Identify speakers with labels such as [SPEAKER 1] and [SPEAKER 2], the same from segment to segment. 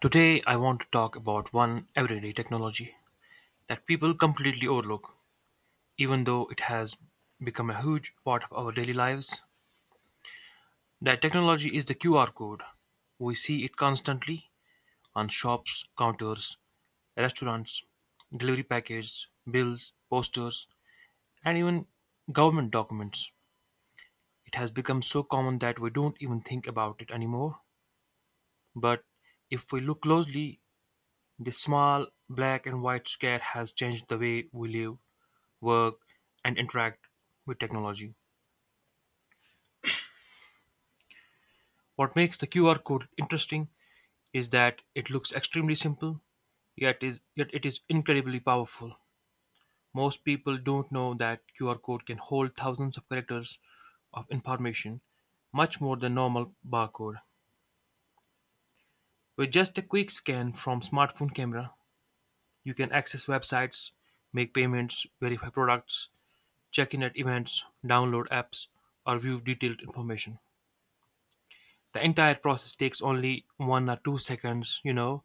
[SPEAKER 1] Today I want to talk about one everyday technology that people completely overlook, even though it has become a huge part of our daily lives. That technology is the QR code. We see it constantly on shops, counters, restaurants, delivery packages, bills, posters, and even government documents. It has become so common that we don't even think about it anymore. But if we look closely, this small black and white square has changed the way we live, work, and interact with technology. What makes the QR code interesting is that it looks extremely simple, yet it is incredibly powerful. Most people don't know that QR code can hold thousands of characters of information, much more than normal barcode. With just a quick scan from smartphone camera, you can access websites, make payments, verify products, check in at events, download apps, or view detailed information. The entire process takes only one or two seconds.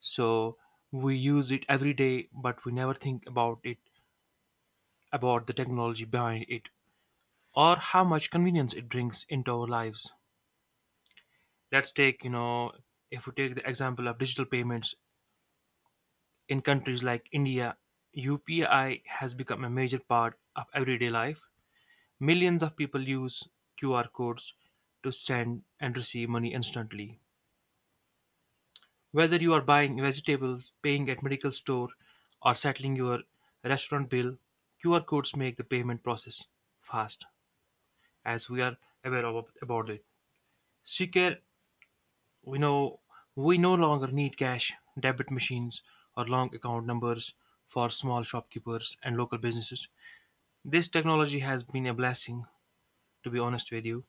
[SPEAKER 1] So we use it every day, but we never think about the technology behind it, or how much convenience it brings into our lives. Let's take you know If we take the example of digital payments in countries like India, UPI has become a major part of everyday life. Millions of people use QR codes to send and receive money instantly. Whether you are buying vegetables, paying at medical store, or settling your restaurant bill, QR codes make the payment process fast, as we are aware of about it. Secure, we know, we no longer need cash, debit machines, or long account numbers. For small shopkeepers and local businesses, this technology has been a blessing, to be honest with you.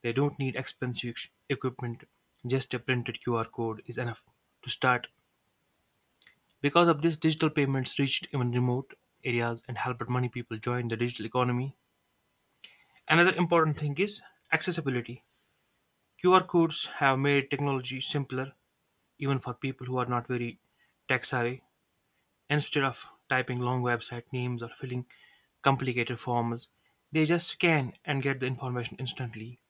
[SPEAKER 1] They don't need expensive equipment, just a printed QR code is enough to start. Because of this, digital payments reached even remote areas and helped many people join the digital economy. Another important thing is accessibility. QR codes have made technology simpler even for people who are not very tech savvy. Instead of typing long website names or filling complicated forms, they just scan and get the information instantly.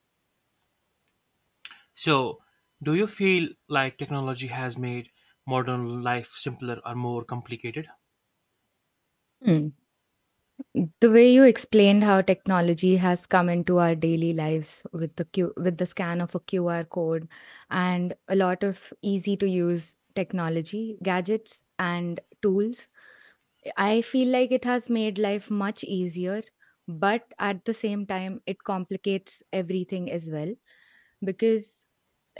[SPEAKER 1] So, do you feel like technology has made modern life simpler or more complicated?
[SPEAKER 2] Hmm. The way you explained how technology has come into our daily lives with the with the scan of a QR code and a lot of easy to use technology, gadgets and tools, I feel like it has made life much easier, but at the same time it complicates everything as well because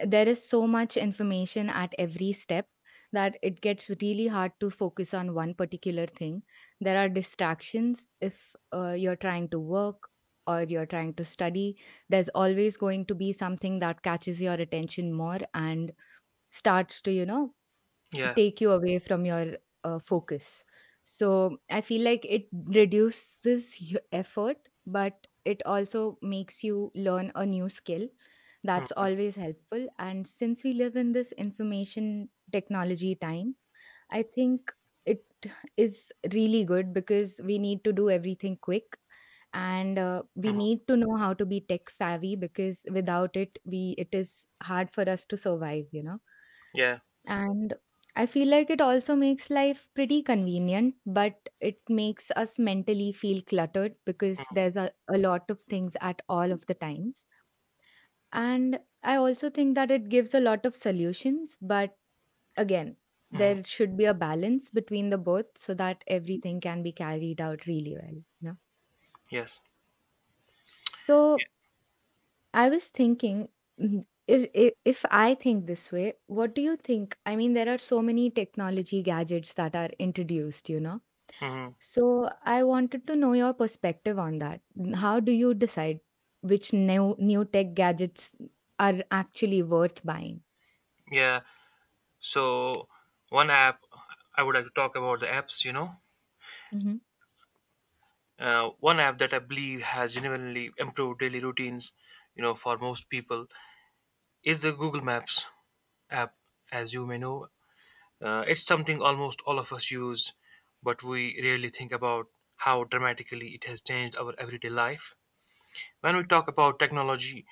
[SPEAKER 2] there is so much information at every step that it gets really hard to focus on one particular thing. There are distractions if you're trying to work or you're trying to study. There's always going to be something that catches your attention more and starts to
[SPEAKER 1] Yeah.
[SPEAKER 2] take you away from your focus. So I feel like it reduces effort, but it also makes you learn a new skill. That's always helpful. And since we live in this information technology time, I think it is really good because we need to do everything quick and we
[SPEAKER 1] Mhm.
[SPEAKER 2] need to know how to be tech savvy because without it we it is hard for us to survive.
[SPEAKER 1] Yeah.
[SPEAKER 2] And I feel like it also makes life pretty convenient, but it makes us mentally feel cluttered because there's a lot of things at all of the times. And I also think that it gives a lot of solutions, but again, there should be a balance between the both so that everything can be carried out really well. You know?
[SPEAKER 1] Yes.
[SPEAKER 2] So I was thinking, mm, if I think this way, what do you think? I mean, there are so many technology gadgets that are introduced, you know?
[SPEAKER 1] Mhm.
[SPEAKER 2] So I wanted to know your perspective on that. How do you decide which new tech gadgets are actually worth buying?
[SPEAKER 1] Yeah. So, one app I would like to talk about, the apps. You know,
[SPEAKER 2] Mm-hmm.
[SPEAKER 1] one app that I believe has genuinely improved daily routines, you know, for most people, is the Google Maps app. As you may know, it's something almost all of us use, but we rarely think about how dramatically it has changed our everyday life. When we talk about technology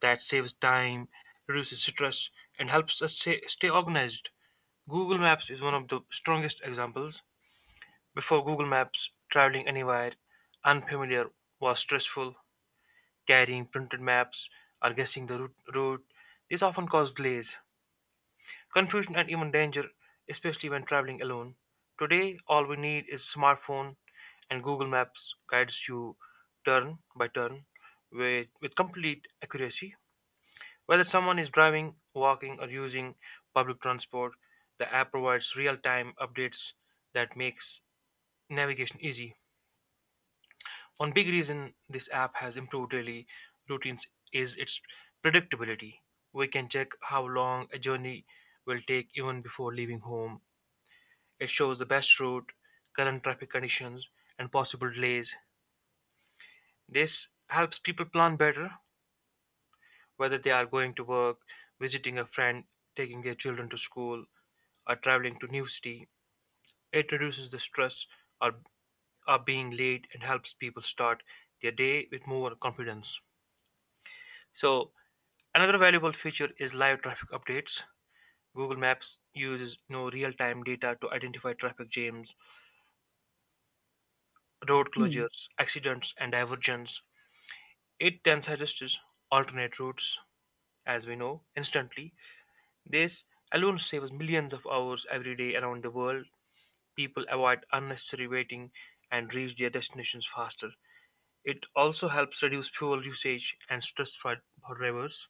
[SPEAKER 1] that saves time, reduces stress, and helps us stay organized, Google Maps is one of the strongest examples. Before Google Maps, traveling anywhere unfamiliar was stressful. Carrying printed maps or guessing the route, these often caused delays, confusion, and even danger, especially when traveling alone. Today, all we need is smartphone, and Google Maps guides you turn by turn with complete accuracy. Whether someone is driving, walking, or using public transport, the app provides real-time updates that makes navigation easy. One big reason this app has improved daily routines is its predictability. We can check how long a journey will take even before leaving home. It shows the best route, current traffic conditions, and possible delays. This helps people plan better, whether they are going to work, visiting a friend, taking their children to school, or traveling to new city. It reduces the stress or, or being late, and helps people start their day with more confidence. So, another valuable feature is live traffic updates. Google Maps uses no real-time data to identify traffic jams, road
[SPEAKER 2] Hmm,
[SPEAKER 1] closures, accidents, and diversions. It then suggests alternate routes, as we know, instantly. This alone saves millions of hours every day around the world. People avoid unnecessary waiting and reach their destinations faster. It also helps reduce fuel usage and stress for drivers.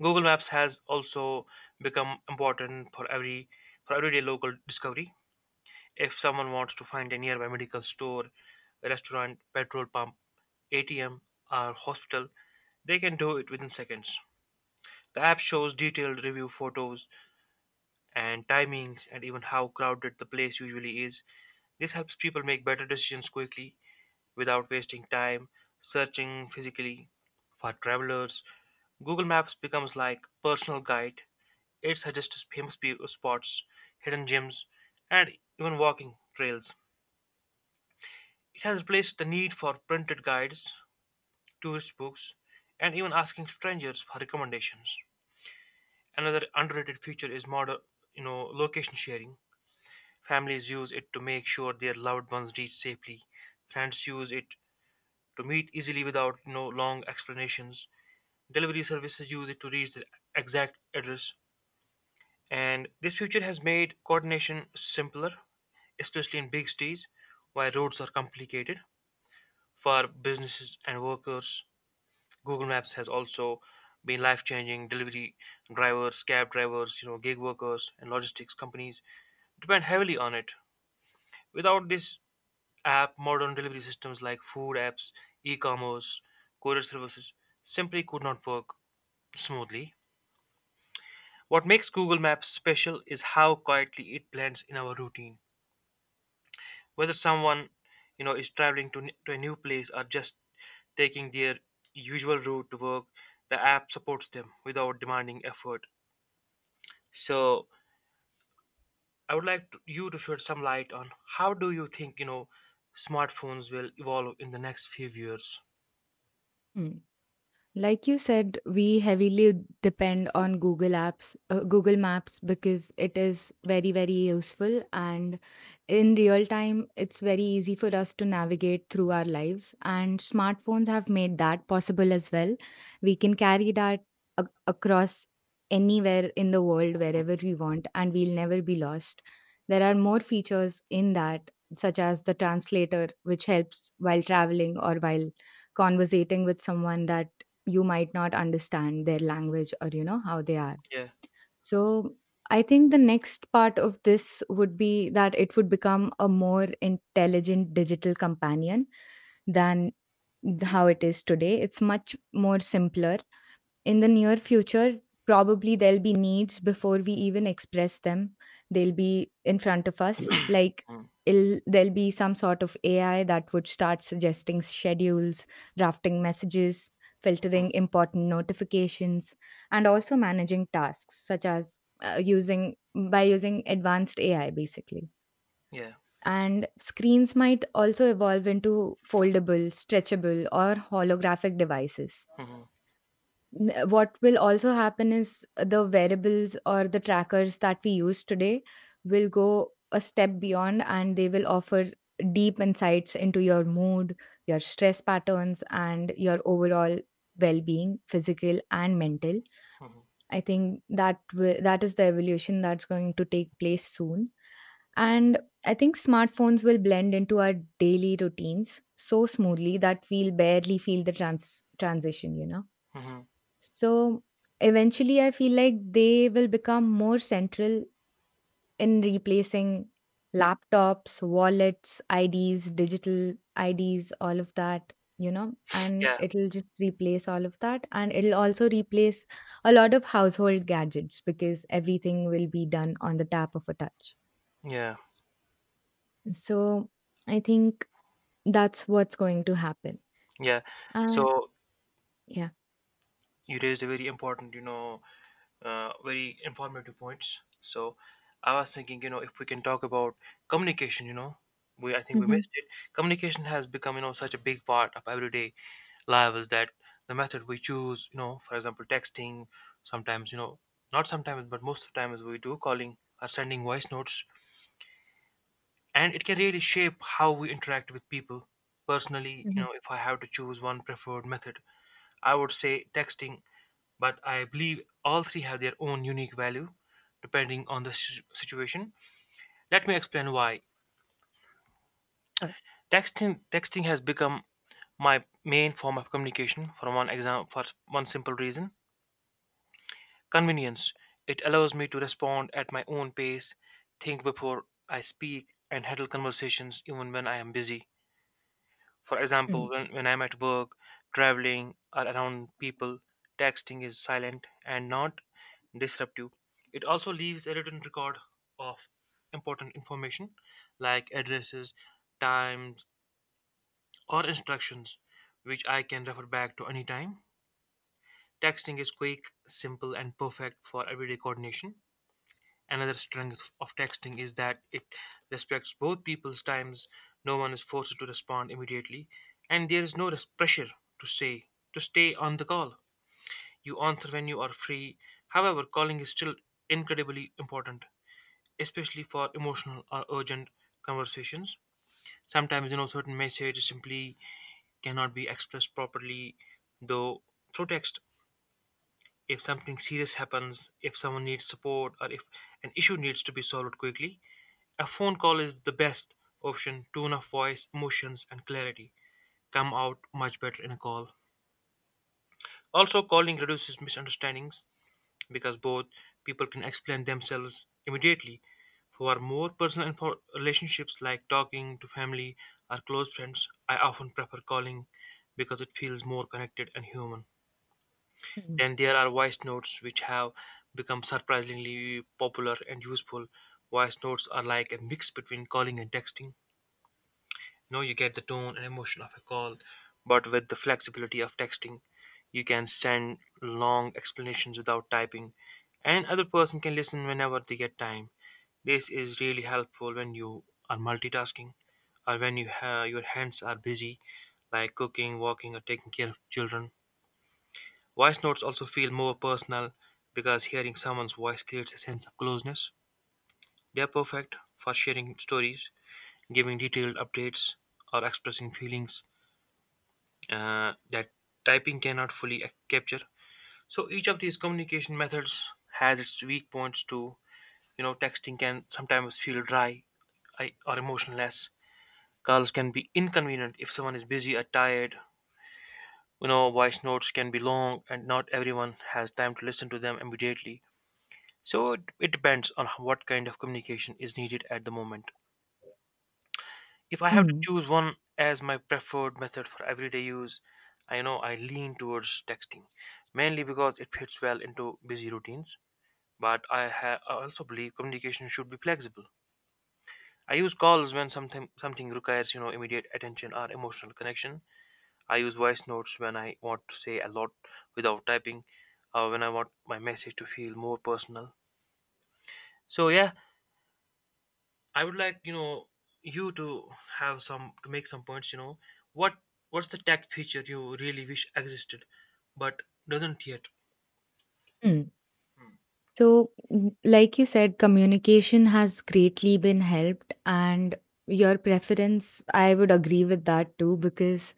[SPEAKER 1] Google Maps has also become important for everyday local discovery. If someone wants to find a nearby medical store, restaurant, petrol pump, ATM, or hospital, they can do it within seconds. The app shows detailed review photos and timings and even how crowded the place usually is. This helps people make better decisions quickly without wasting time searching physically. For travelers, Google Maps becomes like personal guide. It suggests famous spots, hidden gems, and even walking trails. It has replaced the need for printed guides, tourist books, and even asking strangers for recommendations. Another underrated feature is modern, you know, location sharing. Families use it to make sure their loved ones reach safely. Friends use it to meet easily without, you know, long explanations. Delivery services use it to reach the exact address. And this feature has made coordination simpler, especially in big cities where roads are complicated. For businesses and workers, Google Maps has also been life-changing. Delivery drivers, cab drivers, you know, gig workers, and logistics companies depend heavily on it. Without this app, modern delivery systems like food apps, e-commerce, courier services simply could not work smoothly. What makes Google Maps special is how quietly it blends in our routine. Whether someone, you know, is traveling to a new place or just taking their usual route to work, the app supports them without demanding effort. So I would like to, you to shed some light on how do you think, you know, smartphones will evolve in the next few years.
[SPEAKER 2] hmm. Like you said, we heavily depend on Google apps, Google Maps, because it is very, very useful. And in real time, it's very easy for us to navigate through our lives. And smartphones have made that possible as well. We can carry that across anywhere in the world,
[SPEAKER 1] Mhm.
[SPEAKER 2] wherever we want, and we'll never be lost. There are more features in that, such as the translator, which helps while traveling or while conversating with someone that you might not understand their language or you know how they are,
[SPEAKER 1] Yeah.
[SPEAKER 2] so I think the next part of this would be that it would become a more intelligent digital companion than how it is today. It's much more simpler in the near future. Probably there'll be needs before we even express them. They'll be in front of us. Like,
[SPEAKER 1] Mhm.
[SPEAKER 2] there'll be some sort of AI that would start suggesting schedules, drafting messages, filtering important notifications, and also managing tasks such as using by using advanced AI, basically.
[SPEAKER 1] Yeah.
[SPEAKER 2] And screens might also evolve into foldable, stretchable, or holographic devices.
[SPEAKER 1] Mhm.
[SPEAKER 2] What will also happen is the variables or the trackers that we use today will go a step beyond and they will offer deep insights into your mood, your stress patterns, and your overall well-being, physical and mental.
[SPEAKER 1] Mhm.
[SPEAKER 2] I think that that is the evolution that's going to take place soon. And I think smartphones will blend into our daily routines so smoothly that we'll barely feel the transition, you know.
[SPEAKER 1] Mhm.
[SPEAKER 2] So eventually, I feel like they will become more central in replacing laptops, wallets, IDs, digital IDs, all of that, you know, and
[SPEAKER 1] Yeah.
[SPEAKER 2] it'll just replace all of that. And it'll also replace a lot of household gadgets because everything will be done on the tap of a touch.
[SPEAKER 1] Yeah.
[SPEAKER 2] So I think that's what's going to happen.
[SPEAKER 1] Yeah.
[SPEAKER 2] Uh,
[SPEAKER 1] So,
[SPEAKER 2] yeah.
[SPEAKER 1] you raised a very important, you know, very informative points. So I was thinking, you know, if we can talk about communication, you know, we I think we
[SPEAKER 2] Mm-hmm.
[SPEAKER 1] missed it. Communication has become, you know, such a big part of everyday lives that the method we choose, you know, for example, texting, sometimes, you know, not sometimes, but most of the times we do calling or sending voice notes, and it can really shape how we interact with people. Personally, you
[SPEAKER 2] Mm-hmm.
[SPEAKER 1] know, if I have to choose one preferred method, I would say texting, but I believe all three have their own unique value depending on the situation. Let me explain why.
[SPEAKER 2] Sure.
[SPEAKER 1] Texting has become my main form of communication for one exam for one simple reason. Convenience. It allows me to respond at my own pace, think before I speak, and handle conversations even when I am busy. For
[SPEAKER 2] Mm-hmm.
[SPEAKER 1] example, when I'm at work, traveling, or around people, texting is silent and not disruptive. It also leaves a written record of important information like addresses, times, or instructions, which I can refer back to anytime. Texting is quick, simple, and perfect for everyday coordination. Another strength of texting is that it respects both people's times. No one is forced to respond immediately, and there is no pressure to say to stay on the call. You answer when you are free. However, calling is still incredibly important, especially for emotional or urgent conversations. Sometimes, you know, certain messages simply cannot be expressed properly, though through text. If something serious happens, if someone needs support, or if an issue needs to be solved quickly, a phone call is the best option. Tone of voice, emotions, and clarity come out much better in a call. Also, calling reduces misunderstandings because both people can explain themselves immediately. For more personal relationships like talking to family or close friends, I often prefer calling because it feels more connected and human.
[SPEAKER 2] Mm-hmm.
[SPEAKER 1] Then there are voice notes, which have become surprisingly popular and useful. Voice notes are like a mix between calling and texting. You know, you get the tone and emotion of a call, but with the flexibility of texting, you can send long explanations without typing, and other person can listen whenever they get time. This is really helpful when you are multitasking, or when your hands are busy, like cooking, walking, or taking care of children. Voice notes also feel more personal because hearing someone's voice creates a sense of closeness. They are perfect for sharing stories, giving detailed updates, or expressing feelings that typing cannot fully capture. So each of these communication methods has its weak points too. You know, texting can sometimes feel dry or emotionless. Calls can be inconvenient if someone is busy or tired. You know, voice notes can be long and not everyone has time to listen to them immediately. So it depends on what kind of communication is needed at the moment. If I have to
[SPEAKER 2] Mm-hmm.
[SPEAKER 1] choose one as my preferred method for everyday use, I know I lean towards texting, mainly because it fits well into busy routines. But I also believe communication should be flexible. I use calls when something requires, you know, immediate attention or emotional connection. I use voice notes when I want to say a lot without typing, or when I want my message to feel more personal. So yeah, I would like you to have some to make some points. What what's the tech feature you really wish existed, but doesn't yet.
[SPEAKER 2] So, like you said, communication has greatly been helped, and your preference, I would agree with that too, because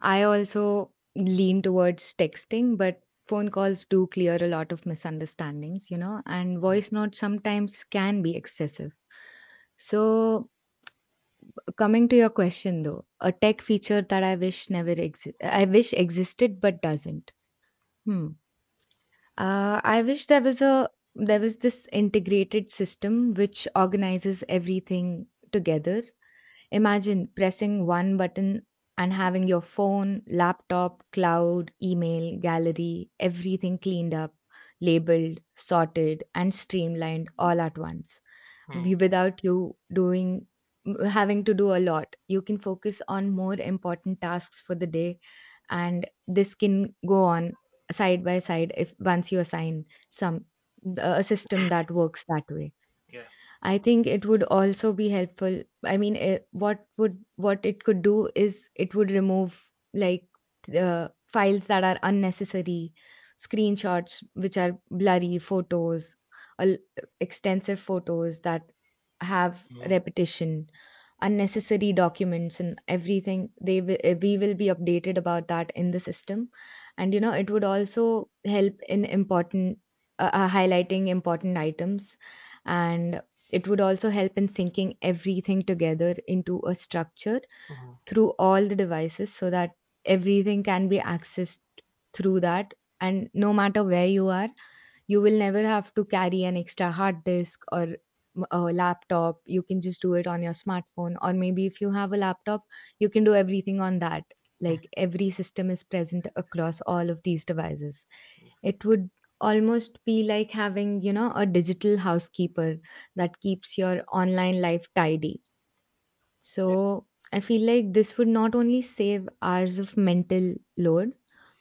[SPEAKER 2] I also lean towards texting, but phone calls do clear a lot of misunderstandings, you know, and voice notes sometimes can be excessive. So, coming to your question though, a tech feature that
[SPEAKER 1] Mm-hmm.
[SPEAKER 2] I wish existed but doesn't. Hmm. I wish there was this integrated system which organizes everything together. Imagine pressing one button and having your phone, laptop, cloud, email, gallery, everything cleaned up, labeled, sorted, and streamlined all at once without you doing having to do a lot. You can focus on more important tasks for the day, and this can go on side by side if once you assign some a system that works that way.
[SPEAKER 1] Yeah.
[SPEAKER 2] I think it would also be helpful. I mean, what it could do is it would remove like files that are unnecessary, screenshots which are blurry, photos, al- extensive photos that have
[SPEAKER 1] Mm-hmm.
[SPEAKER 2] repetition, unnecessary documents, and everything. They will, we will be updated about that in the system, and you know it would also help in important highlighting important items, and it would also help in syncing everything together into a structure through all the devices so that everything can be accessed through that. And no matter where you are, you will never have to carry an extra hard disk or a laptop. You can just do it on your smartphone, or maybe if you have a laptop, you can do everything on that. Like every system is present across all of these devices. It would almost be like having, you know, a digital housekeeper that keeps your online life tidy.
[SPEAKER 1] Yeah.
[SPEAKER 2] So I feel like this would not only save hours of mental load,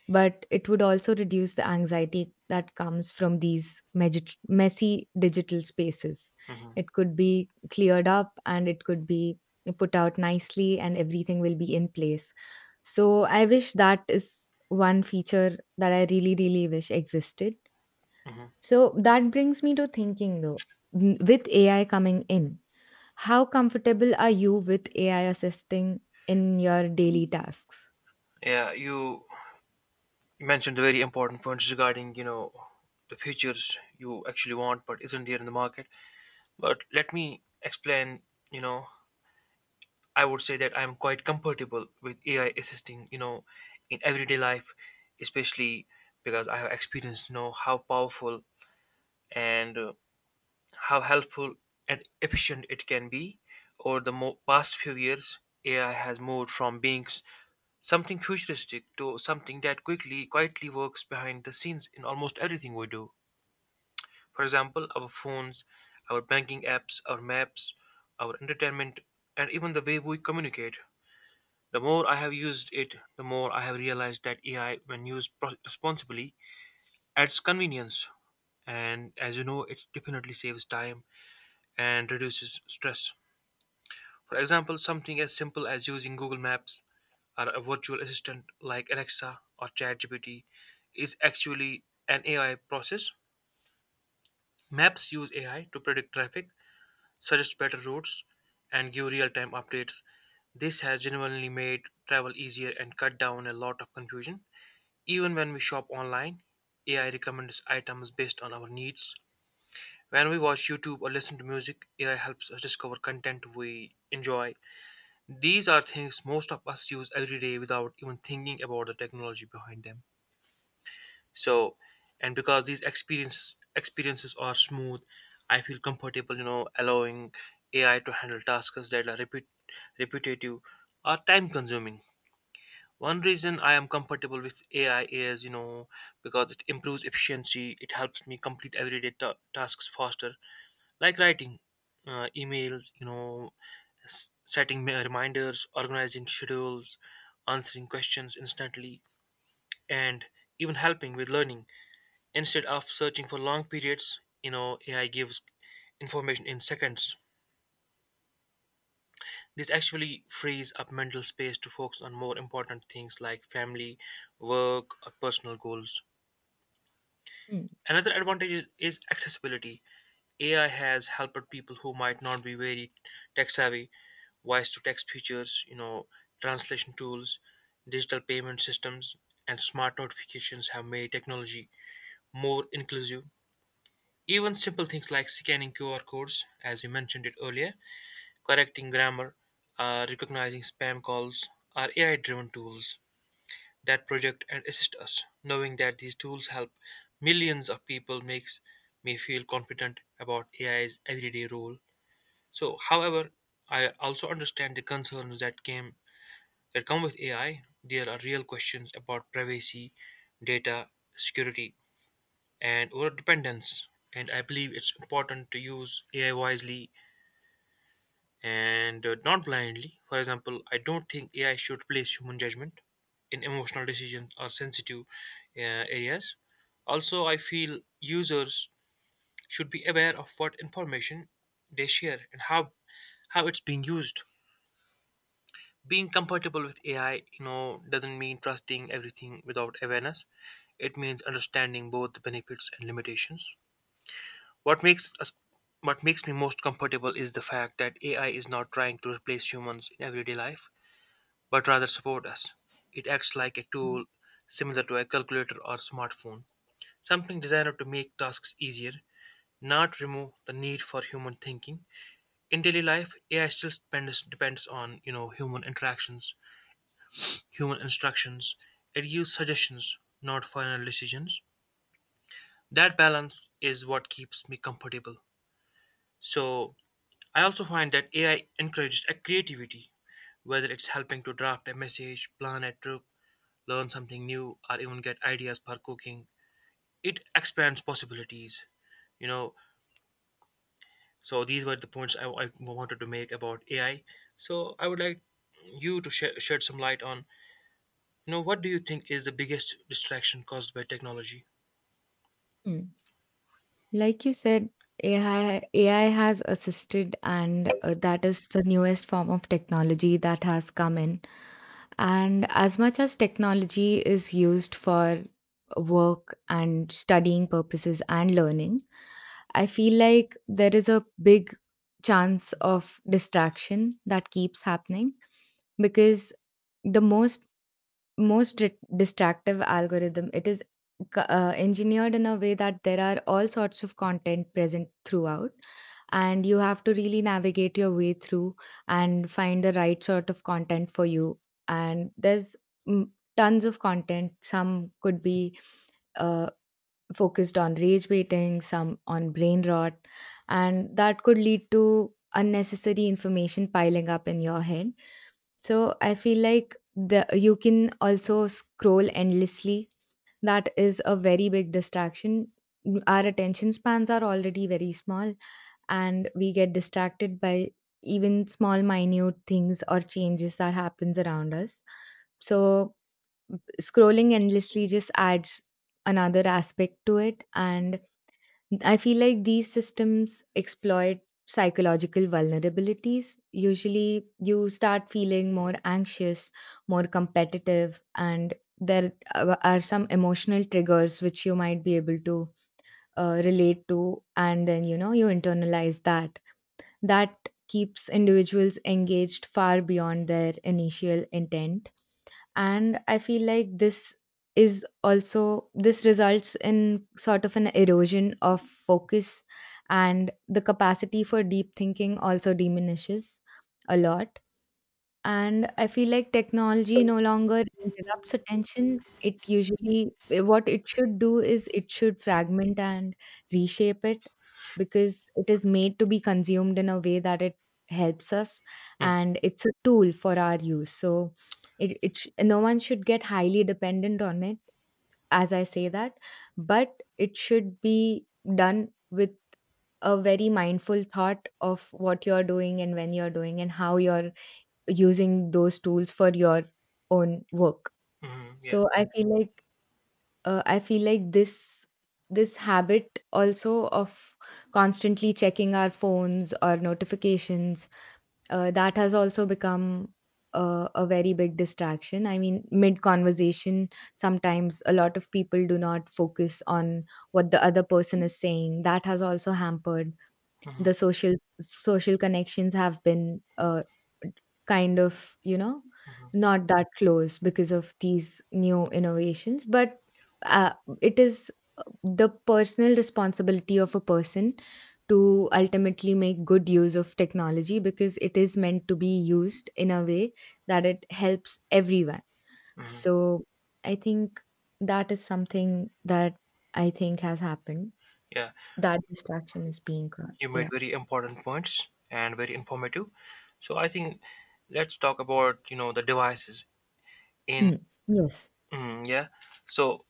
[SPEAKER 2] but it would also reduce the anxiety that comes from these messy digital spaces.
[SPEAKER 1] Mm-hmm.
[SPEAKER 2] It could be cleared up and it could be put out nicely, and everything will be in place. So I wish that is one feature that I really, really wish existed. So that brings me to thinking though, with AI coming in, how comfortable are you with AI assisting in your daily tasks?
[SPEAKER 1] Yeah. You mentioned the very important points regarding the features you actually want but isn't there in the market. But let me explain. You know I would say that I'm quite comfortable with AI assisting, in everyday life, especially because I have experienced, how powerful and how helpful and efficient it can be. Over the past few years, AI has moved from being something futuristic to something that quickly, quietly works behind the scenes in almost everything we do. For example, our phones, our banking apps, our maps, our entertainment, and even the way we communicate. The more I have used it, the more I have realized that AI, when used responsibly, adds convenience. And as you know, it definitely saves time and reduces stress. For example, something as simple as using Google Maps or a virtual assistant like Alexa or ChatGPT is actually an AI process. Maps use AI to predict traffic, suggest better routes, and give real time updates. This has genuinely made travel easier and cut down a lot of confusion. Even when we shop online, AI recommends items based on our needs. When we watch YouTube or listen to music, AI helps us discover content we enjoy. These are things most of us use every day without even thinking about the technology behind them. So, and because these experiences are smooth, I feel comfortable, allowing AI to handle tasks that are repetitive or time consuming. One reason I am comfortable with AI is, because it improves efficiency. It helps me complete everyday tasks faster, like writing emails, setting reminders, organizing schedules, answering questions instantly, and even helping with learning. Instead of searching for long periods, AI gives information in seconds. This actually frees up mental space to focus on more important things like family, work, or personal goals.
[SPEAKER 2] Mm,
[SPEAKER 1] Another advantage is accessibility. AI has helped people who might not be very tech savvy, voice to text features, translation tools, digital payment systems, and smart notifications have made technology more inclusive. Even simple things like scanning QR codes, as we mentioned it earlier, correcting grammar, recognizing spam calls, are AI driven tools that project and assist us. Knowing that these tools help millions of people makes me feel confident about AI's everyday role. So, however, I also understand the concerns that came that come with AI. There are real questions about privacy, data security, and over dependence. And I believe it's important to use AI wisely and not blindly. For example, I don't think AI should place human judgment in emotional decisions or sensitive areas. Also, I feel users should be aware of what information they share and how it's being used. Being compatible with AI, doesn't mean trusting everything without awareness. It means understanding both the benefits and limitations. What makes us what makes me most comfortable is the fact that AI is not trying to replace humans in everyday life, but rather support us. It acts like a
[SPEAKER 2] mm,
[SPEAKER 1] tool similar to a calculator or smartphone, something designed to make tasks easier, not remove the need for human thinking. In daily life, AI still depends on human interactions, human instructions. It gives suggestions, not final decisions. That balance is what keeps me comfortable. So I also find that AI encourages a creativity, whether it's helping to draft a message, plan a trip, learn something new or even get ideas for cooking. It expands possibilities, you know so these were the points I wanted to make about AI. So I would like you to shed some light on what do you think is the biggest distraction caused by technology.
[SPEAKER 2] mm. Like you said, AI has assisted, and that is the newest form of technology that has come in. And as much as technology is used for work and studying purposes and learning, I feel like there is a big chance of distraction that keeps happening because the most distractive algorithm. It is engineered in a way that there are all sorts of content present throughout, and you have to really navigate your way through and find the right sort of content for you. And there's mm, tons of content. Some could be uh, focused on rage baiting, some on brain rot, and that could lead to unnecessary information piling up in your head. So I feel like the you can also scroll endlessly. That is a very big distraction. Our attention spans are already very small and we get distracted by even small minute things or changes that happens around us. So scrolling endlessly just adds another aspect to it. And I feel like these systems exploit psychological vulnerabilities. Usually, you start feeling more anxious, more competitive, and there are some emotional triggers which you might be able to relate to, and then you know you internalize that. That keeps individuals engaged far beyond their initial intent, and I feel like this is also, this results in sort of an erosion of focus, and the capacity for deep thinking also diminishes a lot. And I feel like technology no longer interrupts attention. It usually, what it should do is it should fragment and reshape it, because it is made to be consumed in a way that it helps us and it's a tool for our use. So no one should get highly dependent on it, as I say that, but it should be done with a very mindful thought of what you're doing and when you're doing and how you're using those tools for your own work.
[SPEAKER 1] Mm-hmm, yeah.
[SPEAKER 2] So I feel like this habit also of constantly checking our phones or notifications, that has also become a very big distraction. I mean, mid conversation, sometimes a lot of people do not focus on what the other person is saying. That has also hampered
[SPEAKER 1] Hmm.
[SPEAKER 2] the social connections have been kind of you know
[SPEAKER 1] Hmm.
[SPEAKER 2] not that close because of these new innovations, but uh, it is, the personal responsibility of a person to ultimately make good use of technology because it is meant to be used in a way that it helps everyone.
[SPEAKER 1] Hmm.
[SPEAKER 2] So I think that is something that I think has happened,
[SPEAKER 1] Yeah.
[SPEAKER 2] that distraction is being caught,
[SPEAKER 1] You made
[SPEAKER 2] yeah.
[SPEAKER 1] very important points and very informative. So I think let's talk about the devices in,
[SPEAKER 2] Mm, yes.
[SPEAKER 1] mm, yeah. So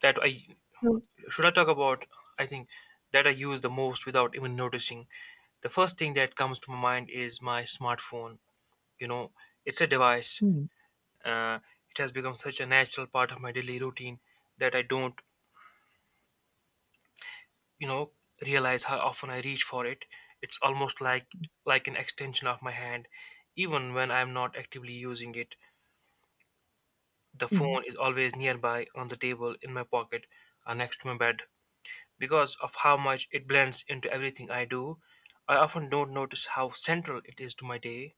[SPEAKER 1] that I
[SPEAKER 2] So
[SPEAKER 1] should I talk about, I think, that I use the most without even noticing? The first thing that comes to my mind is my smartphone. You know, it's a device.
[SPEAKER 2] mm,
[SPEAKER 1] Uh, it has become such a natural part of my daily routine that I don't, you know, realize how often I reach for it. It's almost like an extension of my hand. Even when I'm not actively using it, the
[SPEAKER 2] mm,
[SPEAKER 1] phone is always nearby on the table, in my pocket, or next to my bed. Because of how much it blends into everything I do, I often don't notice how central it is to my day.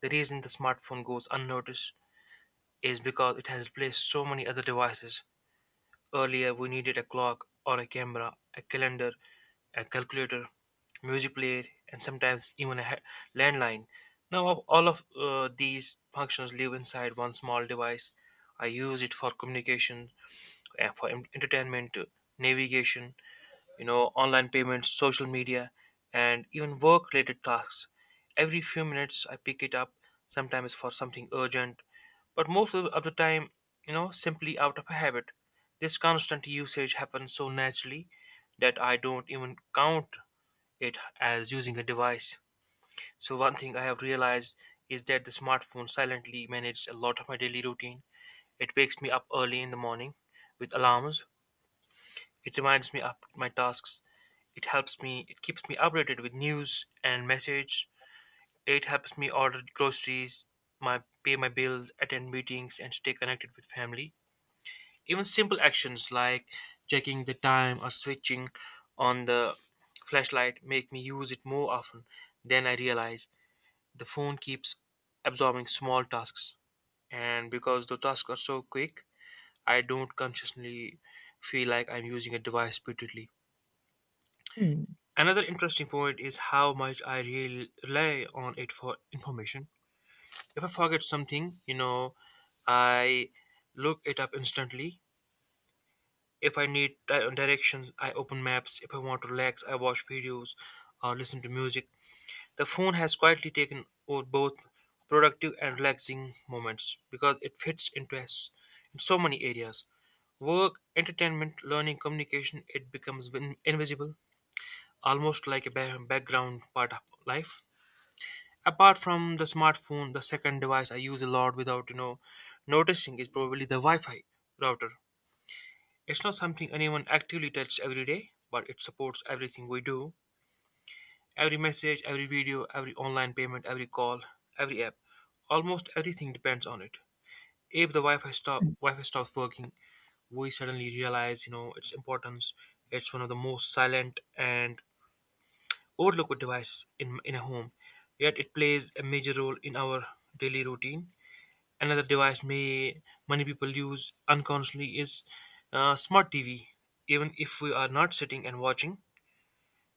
[SPEAKER 1] The reason the smartphone goes unnoticed is because it has replaced so many other devices. Earlier, we needed a clock or a camera, a calendar, a calculator, music player, and sometimes even a landline. Now, all of these functions live inside one small device. I use it for communication, for entertainment, navigation, online payments, social media, and even work related tasks. Every few minutes, I pick it up, sometimes for something urgent, but most of the time, simply out of habit. This constant usage happens so naturally that I don't even count it as using a device. So, one thing I have realized is that the smartphone silently manages a lot of my daily routine. It wakes me up early in the morning with alarms, it reminds me of my tasks. It helps it keeps me updated with news and message. It helps me order groceries, my pay my bills, attend meetings and stay connected with family. Even simple actions like checking the time or switching on the flashlight make me use it more often than I realize. The phone keeps absorbing small tasks and because the tasks are so quick, I don't consciously feel like I'm using a device repeatedly.
[SPEAKER 2] mm,
[SPEAKER 1] Another interesting point is how much I rely on it for information. If I forget something, I look it up instantly. If I need directions, I open maps. If I want to relax, I watch videos or listen to music. The phone has quietly taken over both productive and relaxing moments because it fits into us in so many areas. Work, entertainment, learning, communication, it becomes invisible, almost like a background part of life. Apart from the smartphone, the second device I use a lot without noticing is probably the wi-fi router. It's not something anyone actively touches every day, but it supports everything we do, every message, every video, every online payment, every call, every app, almost everything depends on it. If the
[SPEAKER 2] mm,
[SPEAKER 1] wi-fi stops working, we suddenly realize its importance. It's one of the most silent and overlooked device in a home, yet it plays a major role in our daily routine. Another device may many people use unconsciously is smart TV. Even if we are not sitting and watching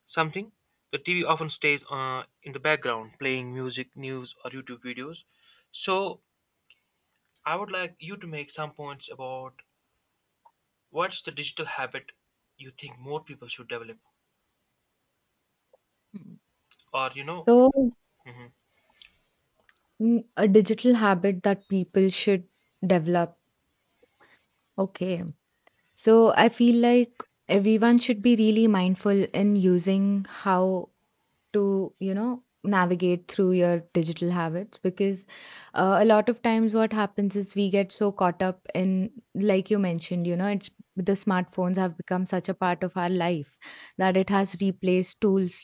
[SPEAKER 1] something, the TV often stays in the background, playing music, news, or YouTube videos. So, I would like you to make some points about what's the digital habit you think more people should develop,
[SPEAKER 2] mm.
[SPEAKER 1] or you know,
[SPEAKER 2] So,
[SPEAKER 1] mhm.
[SPEAKER 2] a digital habit that people should develop. Okay. So I feel like everyone should be really mindful in using how to, you know, navigate through your digital habits because a lot of times what happens is we get so caught up in, like you mentioned, you know, it's the smartphones have become such a part of our life that it has replaced tools